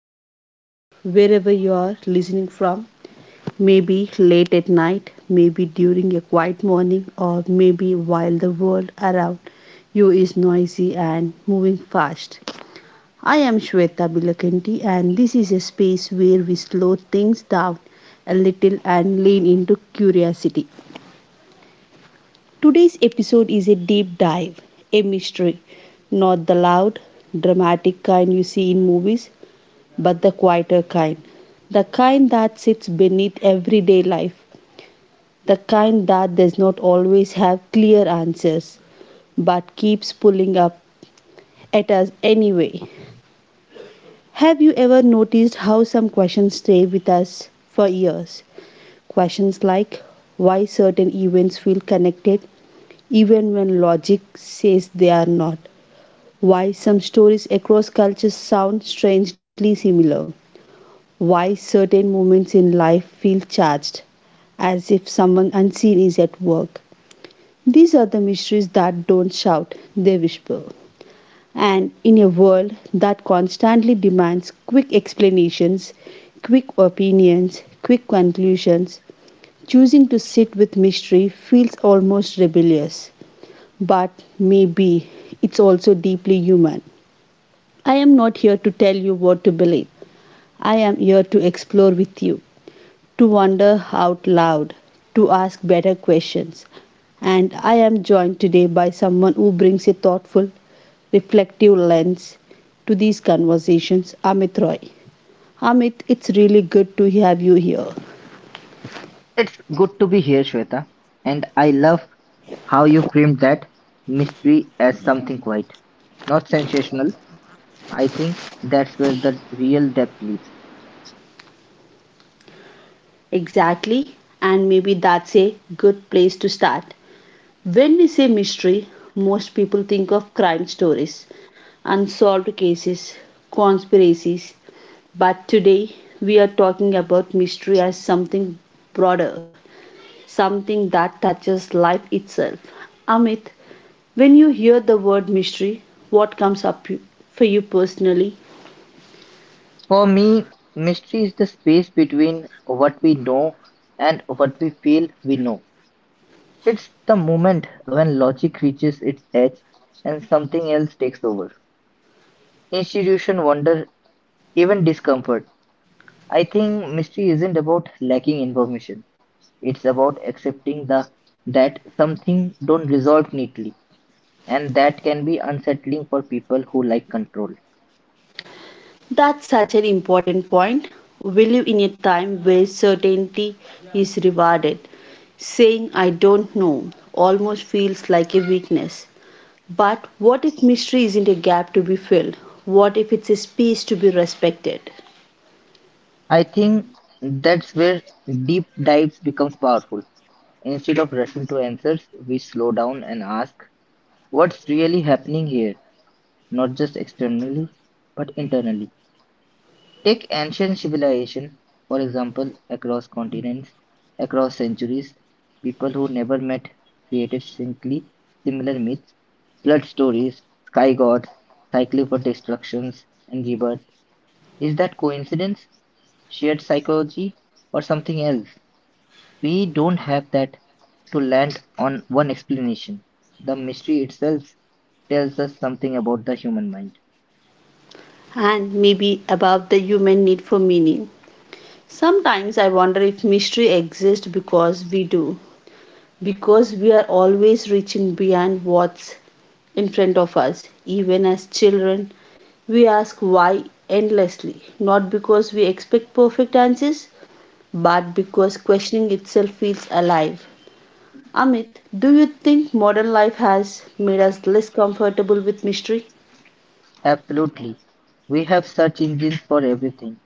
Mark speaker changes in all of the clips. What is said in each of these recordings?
Speaker 1: you are here, wherever you are listening from. Maybe late at night, maybe during a quiet morning, or maybe while the world around you is noisy and moving fast. I am Shweta Bilakanti, and this is a space where we slow things down a little and lean into curiosity. Today's episode is a deep dive, a mystery. Not the loud, dramatic kind you see in movies, but the quieter kind. The kind that sits beneath everyday life. The kind that does not always have clear answers, but keeps pulling up at us anyway. Have you ever noticed how some questions stay with us for years? Questions like why certain events feel connected even when logic says they are not, why some stories across cultures sound strangely similar, why certain moments in life feel charged, as if someone unseen is at work. These are the mysteries that don't shout, they whisper. And in a world that constantly demands quick explanations, quick opinions, quick conclusions, choosing to sit with mystery feels almost rebellious. But maybe it's also deeply human. I am not here to tell you what to believe. I am here to explore with you, to wonder out loud, to ask better questions. And I am joined today by someone who brings a thoughtful, reflective lens to these conversations, Amit Roy. Amit, it's really good to have you here.
Speaker 2: It's good to be here, Shweta. And I love how you framed that mystery as something quiet, not sensational. I think that's where the real depth lives.
Speaker 1: Exactly, and maybe that's a good place to start. When we say mystery, most people think of crime stories, unsolved cases, conspiracies. But today, we are talking about mystery as something broader, something that touches life itself. Amit, when you hear the word mystery, what comes up for you personally?
Speaker 2: For me, mystery is the space between what we know and what we feel we know. It's the moment when logic reaches its edge and something else takes over. Institution, wonder, even discomfort. I think mystery isn't about lacking information. It's about accepting the that something don't resolve neatly, and that can be unsettling for people who like control.
Speaker 1: That's such an important point. We live in a time where certainty is rewarded. Saying I don't know almost feels like a weakness. But what if mystery isn't a gap to be filled? What if it's a space to be respected?
Speaker 2: I think that's where deep dives becomes powerful. Instead of rushing to answers, we slow down and ask what's really happening here, not just externally but internally. Take ancient civilization, for example, across continents, across centuries, people who never met created simply similar myths, flood stories, sky gods, cycle for destructions and rebirth. Is that coincidence, shared psychology, or something else? We don't have that to land on one explanation. The mystery itself tells us something about the human mind.
Speaker 1: And maybe above the human need for meaning. Sometimes I wonder if mystery exists because we do, because we are always reaching beyond what's in front of us. Even as children, we ask why endlessly, not because we expect perfect answers, but because questioning itself feels alive. Amit, do you think modern life has made us less comfortable with mystery?
Speaker 2: Absolutely. We have search engines for everything.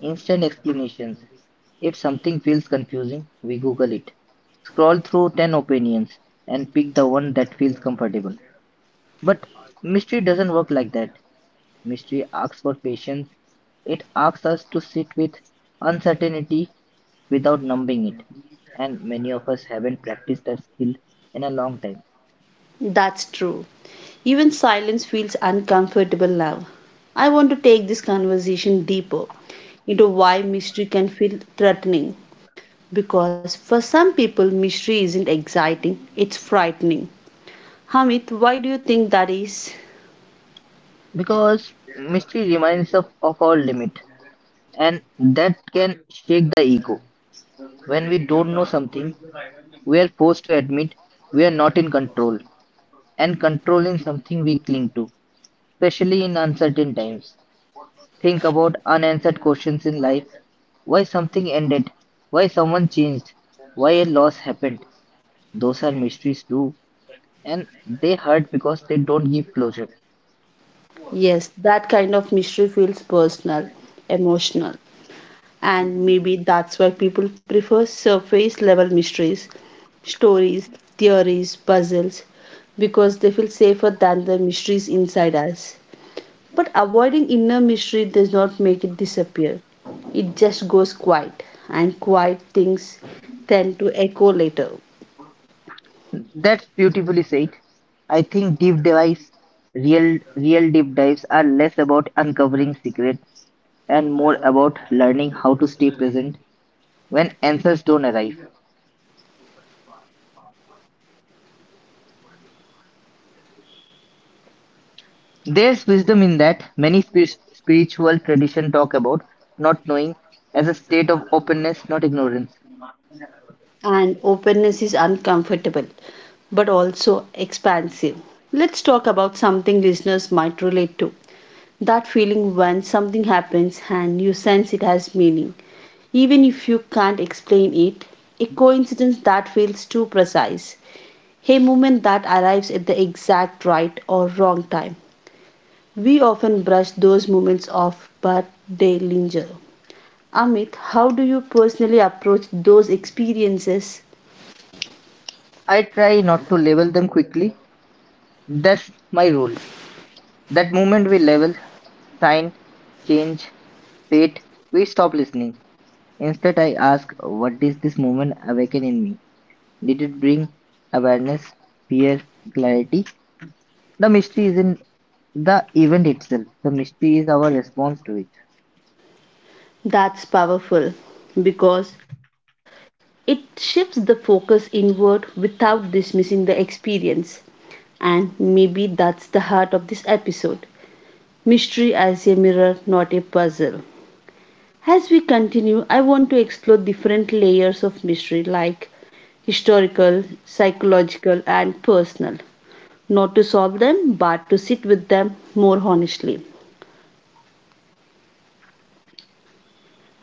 Speaker 2: Instant explanations. If something feels confusing, we Google it. Scroll through 10 opinions and pick the one that feels comfortable. But mystery doesn't work like that. Mystery asks for patience. It asks us to sit with uncertainty without numbing it. And many of us haven't practiced that skill in a long time
Speaker 1: That's true. Even silence feels uncomfortable now. I want to take this conversation deeper into why mystery can feel threatening. Because for some people, mystery isn't exciting, it's frightening. Hamid, why do you think that is?
Speaker 2: because mystery reminds us of our limit, and that can shake the ego. When we don't know something, we are forced to admit we are not in control, and controlling something we cling to, especially in uncertain times. Think about unanswered questions in life: why something ended, why someone changed, why a loss happened. Those are mysteries too, and they hurt because they don't give closure.
Speaker 1: Yes, that kind of mystery feels personal, emotional, and maybe that's why people prefer surface level mysteries, stories, theories, puzzles, because they feel safer than the mysteries inside us. But avoiding inner mystery does not make it disappear, it just goes quiet, and quiet things tend to echo later.
Speaker 2: That's beautifully said. I think deep dives, real deep dives are less about uncovering secrets and more about learning how to stay present when answers don't arrive. There's wisdom in that. Many spiritual traditions talk about not knowing as a state of openness, not ignorance.
Speaker 1: And openness is uncomfortable but also expansive. Let's talk about something listeners might relate to that feeling when something happens and you sense it has meaning. Even if you can't explain it, a coincidence that feels too precise, a moment that arrives at the exact right or wrong time. We often brush those moments off, but they linger. Amit, how do you personally approach those experiences?
Speaker 2: I try not to label them quickly. That's my rule. That moment we level, sign, change, fate, we stop listening. Instead, I ask, what did this moment awaken in me? Did it bring awareness, fear, clarity? The mystery isn't the event itself, the mystery is our response to it.
Speaker 1: That's powerful because it shifts the focus inward without dismissing the experience. And maybe that's the heart of this episode mystery as a mirror, not a puzzle. As we continue, I want to explore different layers of mystery like historical, psychological, and personal. Not to solve them, but to sit with them more honestly.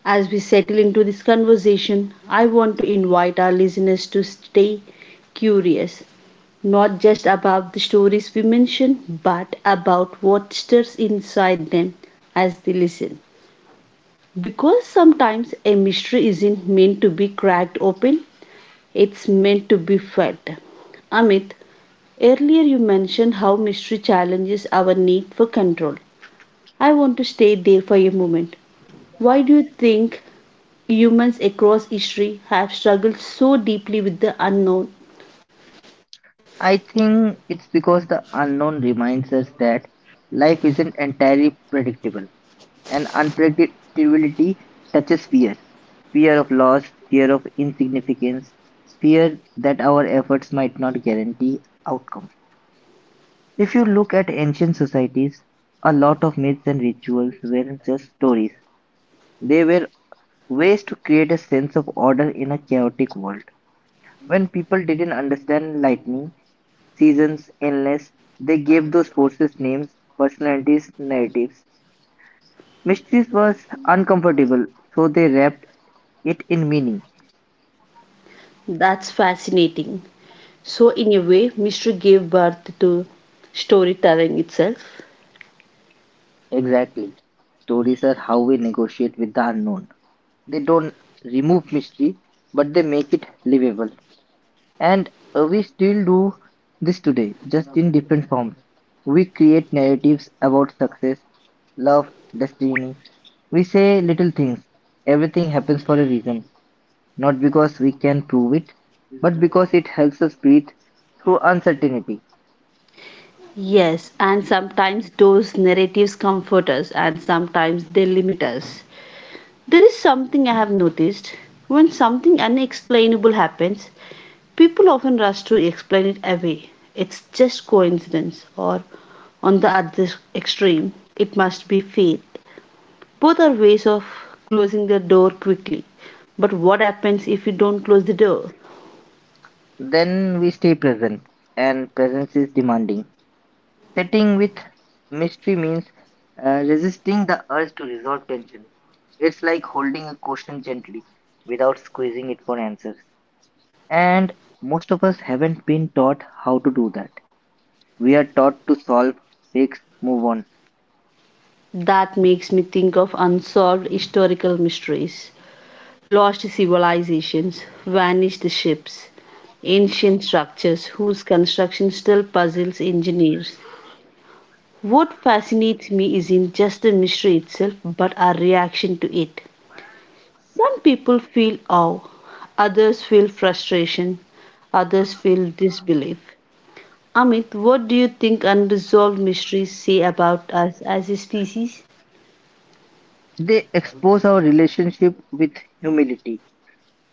Speaker 1: As we settle into this conversation, I want to invite our listeners to stay curious, not just about the stories we mention, but about what stirs inside them as they listen. Because sometimes a mystery isn't meant to be cracked open, it's meant to be felt. Amit, earlier you mentioned how mystery challenges our need for control. I want to stay there for a moment. Why do you think humans across history have struggled so deeply with the unknown?
Speaker 2: I think it's because the unknown reminds us that life isn't entirely predictable, and unpredictability touches fear, fear of loss, fear of insignificance, fear that our efforts might not guarantee outcomes. If you look at ancient societies, a lot of myths and rituals weren't just stories, they were ways to create a sense of order in a chaotic world. When people didn't understand lightning, seasons, endless, they gave those forces names, personalities, narratives. Mysteries was uncomfortable, so they wrapped it in meaning.
Speaker 1: That's fascinating. So, in a way, mystery gave birth to storytelling itself.
Speaker 2: Exactly. Stories are how we negotiate with the unknown. They don't remove mystery, but they make it livable. And we still do this today, just in different forms. We create narratives about success, love, destiny. We say little things. Everything happens for a reason, not because we can prove it, but because it helps us breathe through uncertainty.
Speaker 1: Yes, and sometimes those narratives comfort us, and sometimes they limit us. There is something I have noticed. When something unexplainable happens, people often rush to explain it away. It's just coincidence, or on the other extreme, it must be fate. Both are ways of closing the door quickly. But what happens if you don't close the door?
Speaker 2: Then we stay present, and presence is demanding. Setting with mystery means resisting the urge to resolve tension. It's like holding a question gently without squeezing it for answers. And most of us haven't been taught how to do that. We are taught to solve, fix, move on.
Speaker 1: That makes me think of unsolved historical mysteries, lost civilizations, vanished ships, ancient structures whose construction still puzzles engineers. What fascinates me isn't just the mystery itself, but our reaction to it. Some people feel awe, others feel frustration, others feel disbelief. Amit, what do you think unresolved mysteries say about us as a species?
Speaker 2: They expose our relationship with humility.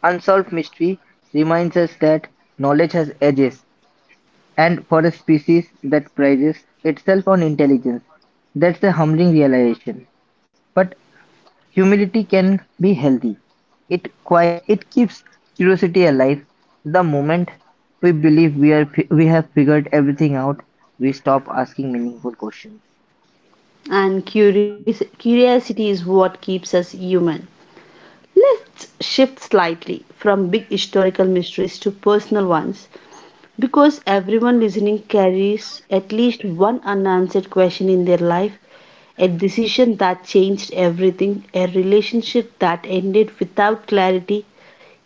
Speaker 2: Unsolved mystery reminds us that knowledge has edges, and for a species that prides itself on intelligence, that's a humbling realization. But humility can be healthy. It keeps curiosity alive. The moment we believe we are fi- we have figured everything out, we stop asking meaningful questions.
Speaker 1: And curiosity is what keeps us human. Let's shift slightly from big historical mysteries to personal ones because everyone listening carries at least one unanswered question in their life a decision that changed everything, a relationship that ended without clarity,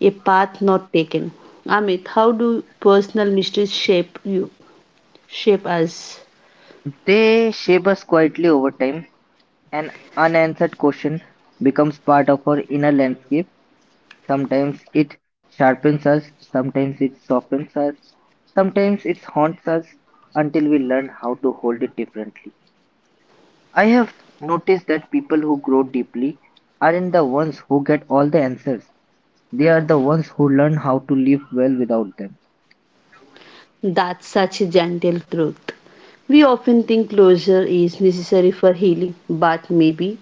Speaker 1: a path not taken. Amit, how do personal mysteries shape you? Shape us?
Speaker 2: They shape us quietly over time. An unanswered question becomes part of our inner landscape. Sometimes it sharpens us, sometimes it softens us, sometimes it haunts us until we learn how to hold it differently. I have noticed that people who grow deeply aren't the ones who get all the answers. They are the ones who learn how to live well without them.
Speaker 1: That's such a gentle truth. We often think closure is necessary for healing, but maybe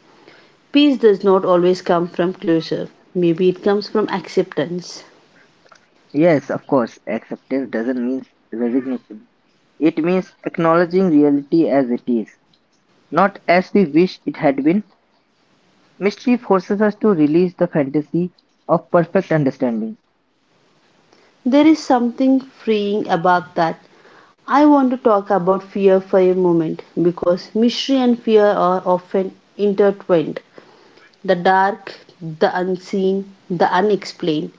Speaker 1: peace does not always come from closure. Maybe it comes from acceptance.
Speaker 2: Yes, of course, acceptance doesn't mean resignation. It means acknowledging reality as it is, not as we wish it had been. Mystery forces us to release the fantasy of perfect understanding.
Speaker 1: There is something freeing about that. I want to talk about fear for a moment because mystery and fear are often intertwined. The dark, the unseen, the unexplained,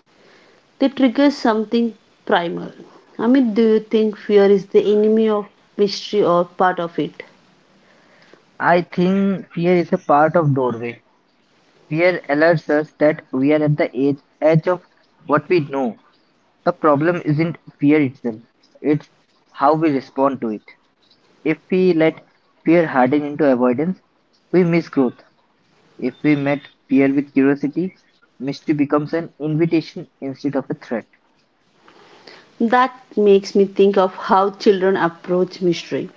Speaker 1: they trigger something primal. Amit, do you think fear is the enemy of mystery or part of it?
Speaker 2: I think fear is a part of doorway. Fear alerts us that we are at the edge, edge of what we know. The problem isn't fear itself, it's how we respond to it. If we let fear harden into avoidance, we miss growth. If we met fear with curiosity, mystery becomes an invitation instead of a threat.
Speaker 1: That makes me think of how children approach mystery.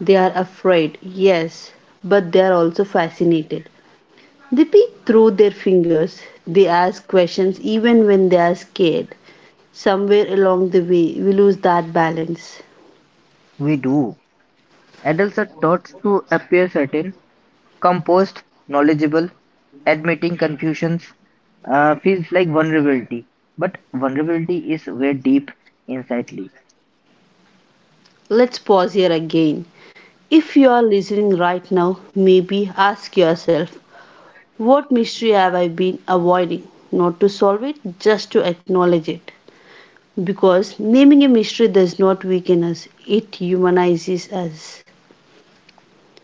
Speaker 1: They are afraid, yes, but they are also fascinated. They peek through their fingers, they ask questions even when they are scared. Somewhere along the way, we lose that balance.
Speaker 2: We do. Adults are taught to appear certain, composed, knowledgeable. Admitting confusions feels like vulnerability. But vulnerability is where deep insight lives.
Speaker 1: Let's pause here again. If you are listening right now, maybe ask yourself, what mystery have I been avoiding? Not to solve it, just to acknowledge it. Because naming a mystery does not weaken us, it humanizes us.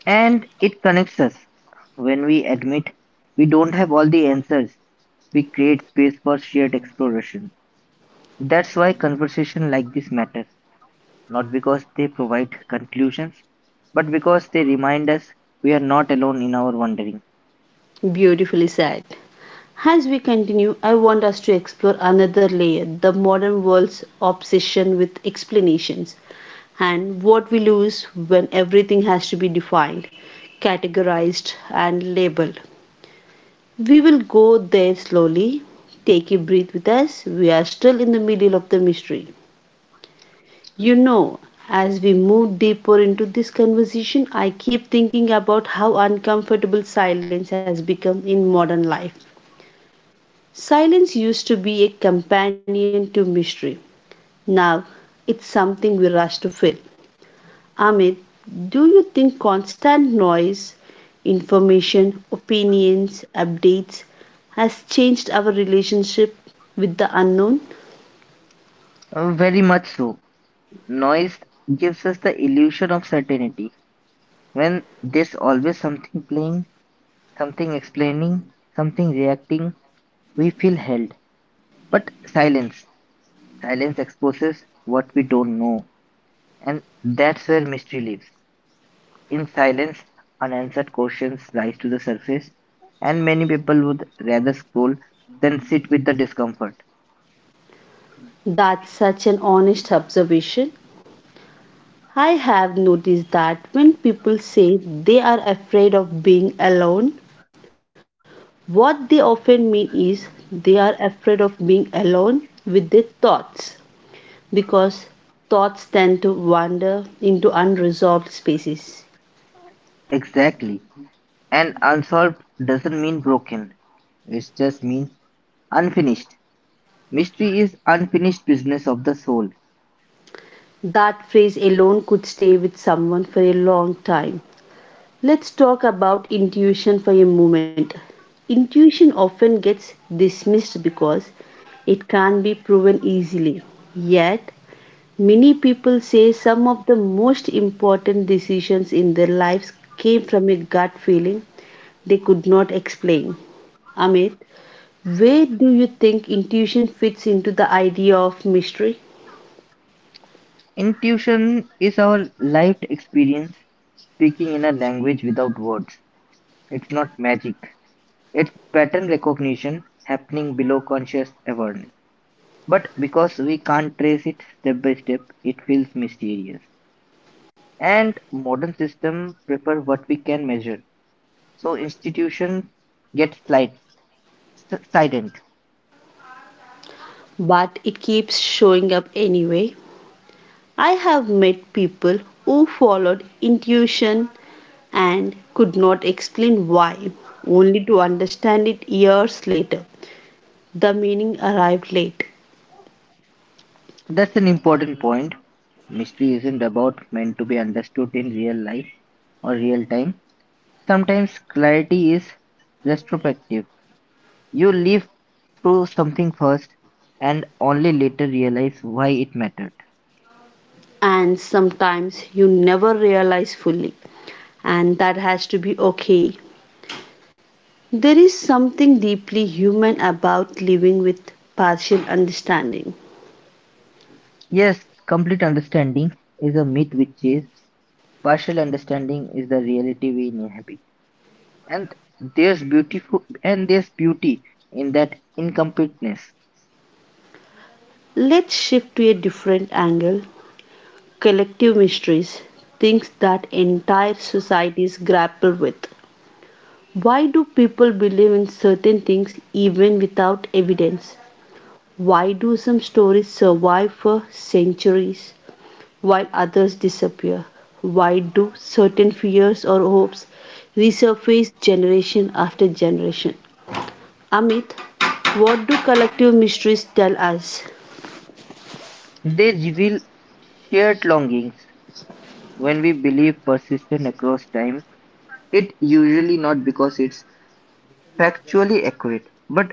Speaker 2: And it connects us. When we admit we don't have all the answers, we create space for shared exploration. That's why conversations like this matter, not because they provide conclusions, but because they remind us we are not alone in our wandering.
Speaker 1: Beautifully said. As we continue, I want us to explore another layer the modern world's obsession with explanations and what we lose when everything has to be defined, categorized, and labeled. We will go there slowly. Take a breath with us. We are still in the middle of the mystery. You know, as we move deeper into this conversation, I keep thinking about how uncomfortable silence has become in modern life. Silence used to be a companion to mystery. Now, it's something we rush to fill. Amit, do you think constant noise, information, opinions, updates has changed our relationship with the unknown?
Speaker 2: Very much so. Noise gives us the illusion of certainty. When there's always something playing, something explaining, something reacting, we feel held. But silence exposes what we don't know, and that's where mystery lives. In silence, unanswered questions rise to the surface, and many people would rather scroll than sit with the discomfort.
Speaker 1: That's such an honest observation. I have noticed that when people say they are afraid of being alone, what they often mean is they are afraid of being alone with their thoughts because thoughts tend to wander into unresolved spaces.
Speaker 2: Exactly. And unsolved doesn't mean broken, it just means unfinished. Mystery is unfinished business of the soul.
Speaker 1: That phrase alone could stay with someone for a long time. Let's talk about intuition for a moment. Intuition often gets dismissed because it can't be proven easily. Yet, many people say some of the most important decisions in their lives came from a gut feeling they could not explain. Amit, where do you think intuition fits into the idea of mystery?
Speaker 2: Intuition is our lived experience speaking in a language without words. It's not magic, it's pattern recognition happening below conscious awareness. But because we can't trace it step by step, it feels mysterious. And modern systems prefer what we can measure. So institutions get slight, silent.
Speaker 1: But it keeps showing up anyway. I have met people who followed intuition and could not explain why, only to understand it years later. The meaning arrived late,
Speaker 2: That's an important point. Mystery isn't about meant to be understood in real life or real time. Sometimes clarity is retrospective. You live through something first and only later realize why it mattered.
Speaker 1: and sometimes you never realize fully, and that has to be okay. There is something deeply human about living with partial understanding.
Speaker 2: Yes, complete understanding is a myth, which is partial understanding is the reality we inhabit. And there's beautiful and there's beauty in that incompleteness.
Speaker 1: Let's shift to a different angle collective mysteries, things that entire societies grapple with. Why do people believe in certain things even without evidence? Why do some stories survive for centuries while others disappear? Why do certain fears or hopes resurface generation after generation? Amit, what do collective mysteries tell us?
Speaker 2: They reveal shared longings when we believe persistent across time. It usually not because it's factually accurate, but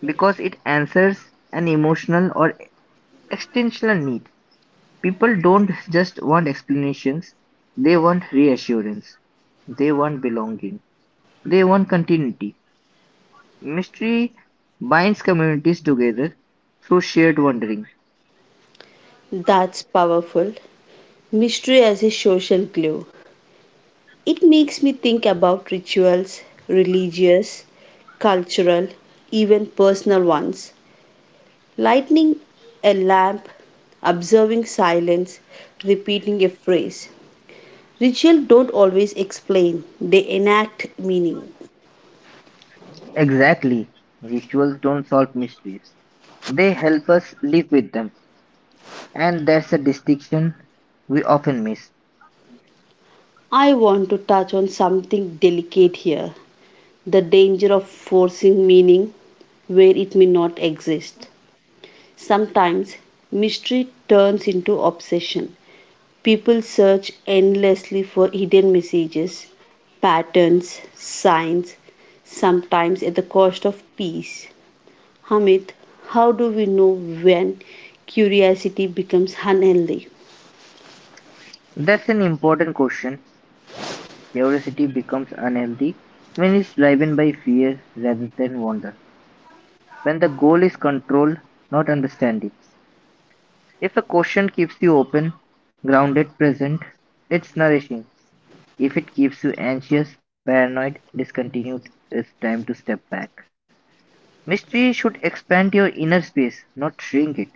Speaker 2: because it answers an emotional or existential need. People don't just want explanations, they want reassurance, they want belonging, they want continuity. Mystery binds communities together through shared wondering.
Speaker 1: That's powerful. Mystery as a social glue. It makes me think about rituals, religious, cultural, even personal ones lighting a lamp, observing silence, repeating a phrase. Rituals don't always explain, they enact meaning.
Speaker 2: Exactly. Rituals don't solve mysteries, they help us live with them. And that's a distinction we often miss.
Speaker 1: I want to touch on something delicate here the danger of forcing meaning where it may not exist. Sometimes mystery turns into obsession. People search endlessly for hidden messages, patterns, signs, sometimes at the cost of peace. Hamid, how do we know when curiosity becomes unhealthy?
Speaker 2: That's an important question. Curiosity becomes unhealthy when it's driven by fear rather than wonder. When the goal is control, not understanding. If a question keeps you open, grounded, present, it's nourishing. If it keeps you anxious, paranoid, discontinued, it's time to step back. Mystery should expand your inner space, not shrink it.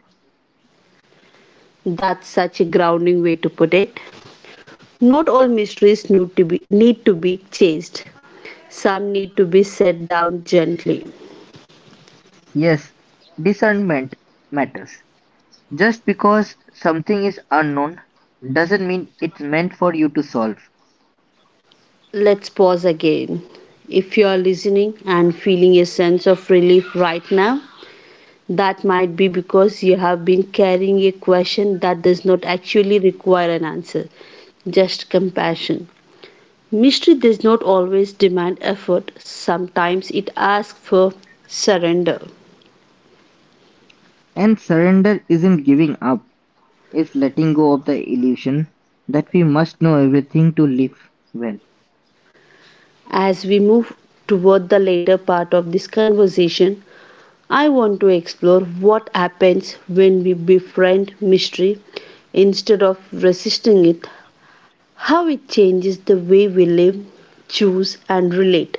Speaker 1: That's such a grounding way to put it. Not all mysteries need to be chased. Some need to be set down gently.
Speaker 2: Yes, discernment matters. Just because something is unknown doesn't mean it's meant for you to solve.
Speaker 1: Let's pause again. If you are listening and feeling a sense of relief right now, that might be because you have been carrying a question that does not actually require an answer, just compassion. Mystery does not always demand effort, sometimes it asks for surrender.
Speaker 2: And surrender isn't giving up, it's letting go of the illusion that we must know everything to live well.
Speaker 1: As we move toward the later part of this conversation, I want to explore what happens when we befriend mystery instead of resisting it, how it changes the way we live, choose, and relate.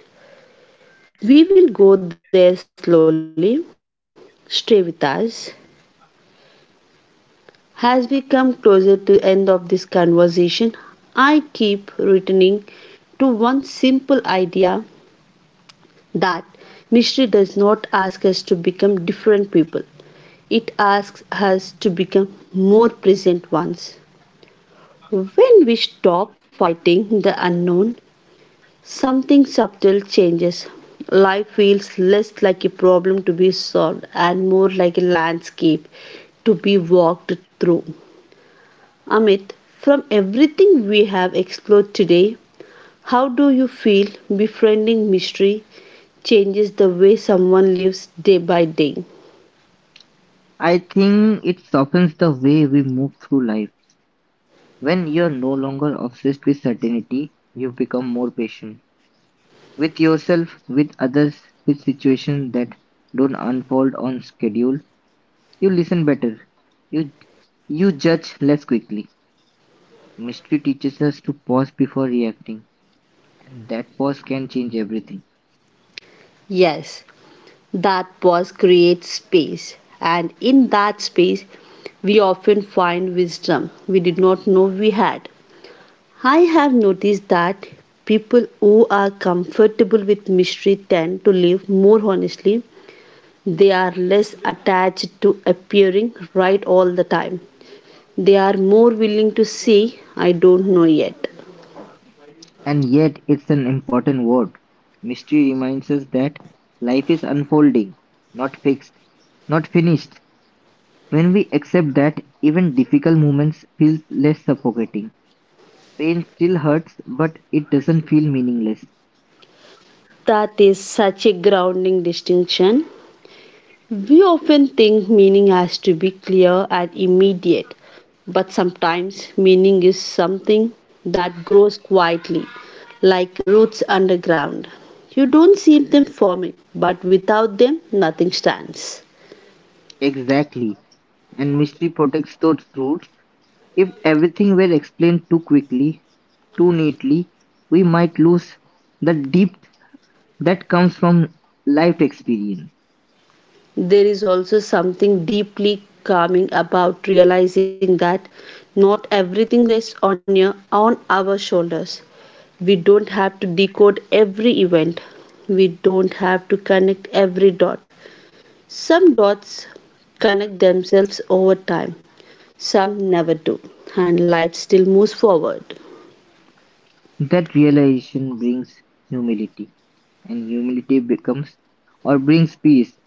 Speaker 1: We will go there slowly. Stay with us. As we come closer to end of this conversation, I keep returning to one simple idea that mystery does not ask us to become different people. It asks us to become more present ones. When we stop fighting the unknown, something subtle changes. Life feels less like a problem to be solved and more like a landscape to be walked through. Amit, from everything we have explored today, how do you feel befriending mystery changes the way someone lives day by day?
Speaker 2: I think it softens the way we move through life. When you're no longer obsessed with certainty, you become more patient with yourself, with others, with situations that don't unfold on schedule. You listen better. You you judge less quickly. Mystery teaches us to pause before reacting, and that pause can change everything.
Speaker 1: Yes, that pause creates space, and in that space, we often find wisdom we did not know we had. I have noticed that people who are comfortable with mystery tend to live more honestly. They are less attached to appearing right all the time. They are more willing to see I don't know yet.
Speaker 2: And yet, it's an important word. Mystery reminds us that life is unfolding, not fixed, not finished. When we accept that, even difficult moments feel less suffocating. Pain still hurts, but it doesn't feel meaningless.
Speaker 1: That is such a grounding distinction. We often think meaning has to be clear and immediate, but sometimes meaning is something that grows quietly, like roots underground. You don't see them forming, but without them nothing stands.
Speaker 2: Exactly. And mystery protects those roots. If everything were explained too quickly, too neatly, we might lose the depth that comes from life experience.
Speaker 1: There is also something deeply calming about realizing that not everything rests on our shoulders. We don't have to decode every event, we don't have to connect every dot. Some dots connect themselves over time, some never do, and life still moves forward.
Speaker 2: That realization brings humility, and humility becomes or brings peace.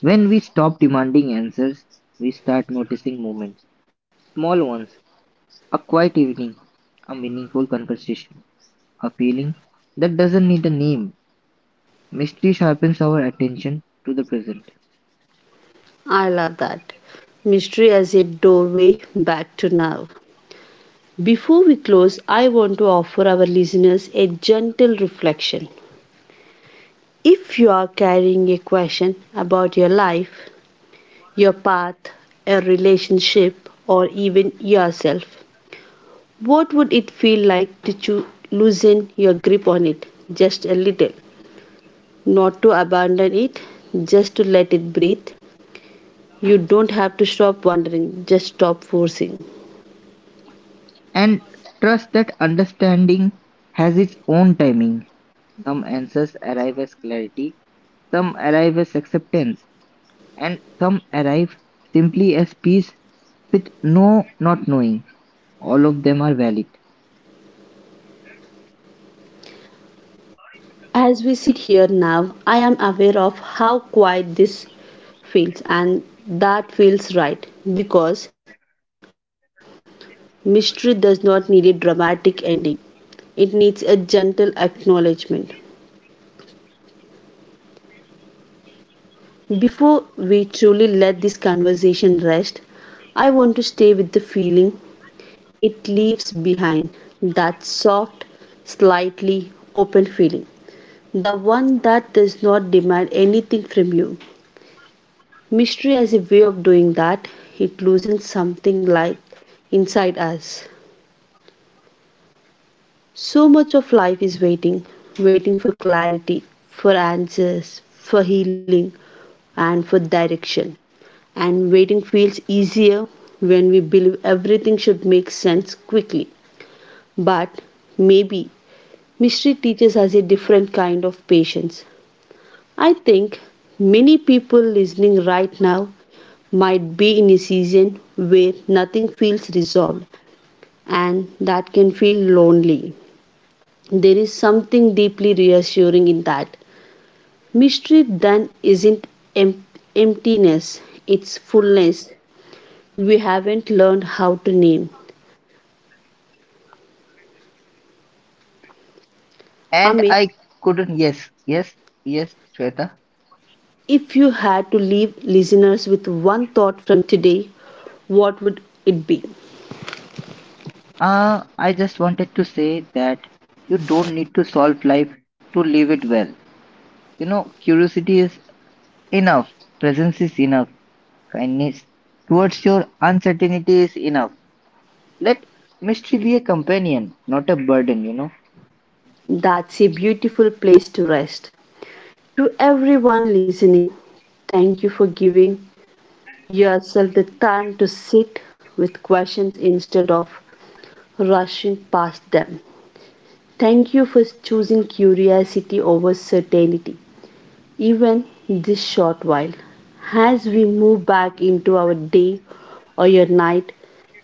Speaker 2: When we stop demanding answers, we start noticing moments. Small ones: a quiet evening, a meaningful conversation, a feeling that doesn't need a name. Mystery sharpens our attention to the present.
Speaker 1: I love that. Mystery as a doorway back to now. Before we close, I want to offer our listeners a gentle reflection. If you are carrying a question about your life, your path, a relationship, or even yourself, what would it feel like to loosen your grip on it just a little? Not to abandon it, just to let it breathe. You don't have to stop wondering, just stop forcing.
Speaker 2: And trust that understanding has its own timing. Some answers arrive as clarity, some arrive as acceptance, and some arrive simply as peace with no not knowing. All of them are valid.
Speaker 1: As we sit here now, I am aware of how quiet this feels, and that feels right because mystery does not need a dramatic ending, it needs a gentle acknowledgement. Before we truly let this conversation rest, I want to stay with the feeling it leaves behind, that soft, slightly open feeling, the one that does not demand anything from you. Mystery has a way of doing that. It loosens something, like, inside us. So much of life is waiting. Waiting for clarity, for answers, for healing, and for direction. And waiting feels easier when we believe everything should make sense quickly. But maybe mystery teaches us a different kind of patience. I think many people listening right now might be in a season where nothing feels resolved, and that can feel lonely. There is something deeply reassuring in that. Mystery then isn't em- emptiness, it's fullness we haven't learned how to name.
Speaker 2: And
Speaker 1: Amit,
Speaker 2: I couldn't, yes, yes, yes, Shweta.
Speaker 1: if you had to leave listeners with one thought from today, what would it be?
Speaker 2: I just wanted to say that you don't need to solve life to live it well. You know, curiosity is enough, presence is enough, kindness towards your uncertainty is enough. Let mystery be a companion, not a burden, you know.
Speaker 1: That's a beautiful place to rest. To everyone listening, thank you for giving yourself the time to sit with questions instead of rushing past them. Thank you for choosing curiosity over certainty, even this short while. As we move back into our day or your night,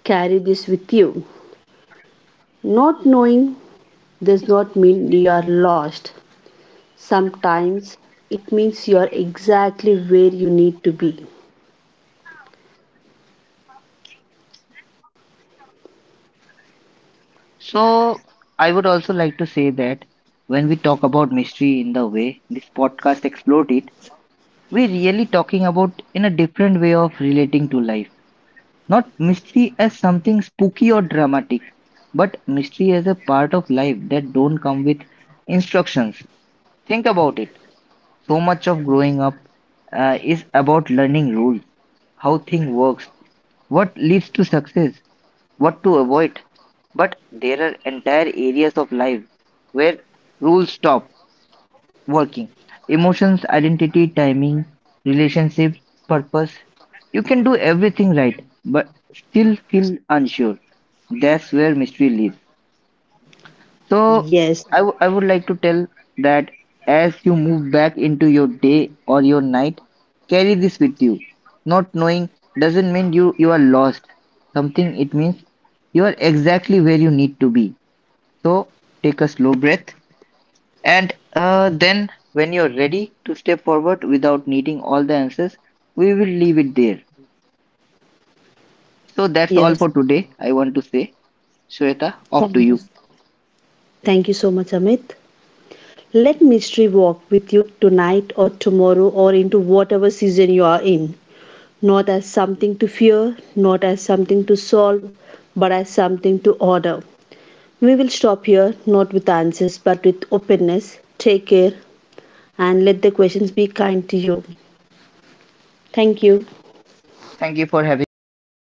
Speaker 1: carry this with you. Not knowing does not mean you are lost. Sometimes it means you are exactly where you need to be.
Speaker 2: So, I would also like to say that when we talk about mystery in the way this podcast explored it, we're really talking about in a different way of relating to life. Not mystery as something spooky or dramatic, but mystery as a part of life that don't come with instructions. Think about it. So much of growing up is about learning rules, how thing works, what leads to success, what to avoid. But there are entire areas of life where rules stop working: emotions, identity, timing, relationships, purpose. You can do everything right, but still feel unsure. That's where mystery lives. So,
Speaker 1: Yes,
Speaker 2: I would like to tell that as you move back into your day or your night, carry this with you. Not knowing doesn't mean you are lost. Something it means you are exactly where you need to be. So, take a slow breath and then, when you're ready to step forward without needing all the answers, we will leave it there. So that's all
Speaker 1: yes.
Speaker 2: for today. I want to say, Shweta, off to
Speaker 1: Thank you.
Speaker 2: you.
Speaker 1: Thank you so much, Amit. Let mystery walk with you tonight or tomorrow or into whatever season you are in. Not as something to fear, not as something to solve, but as something to order. We will stop here, not with answers, but with openness. Take care and let the questions be kind to you. Thank you.
Speaker 2: Thank you for having me, Shweta.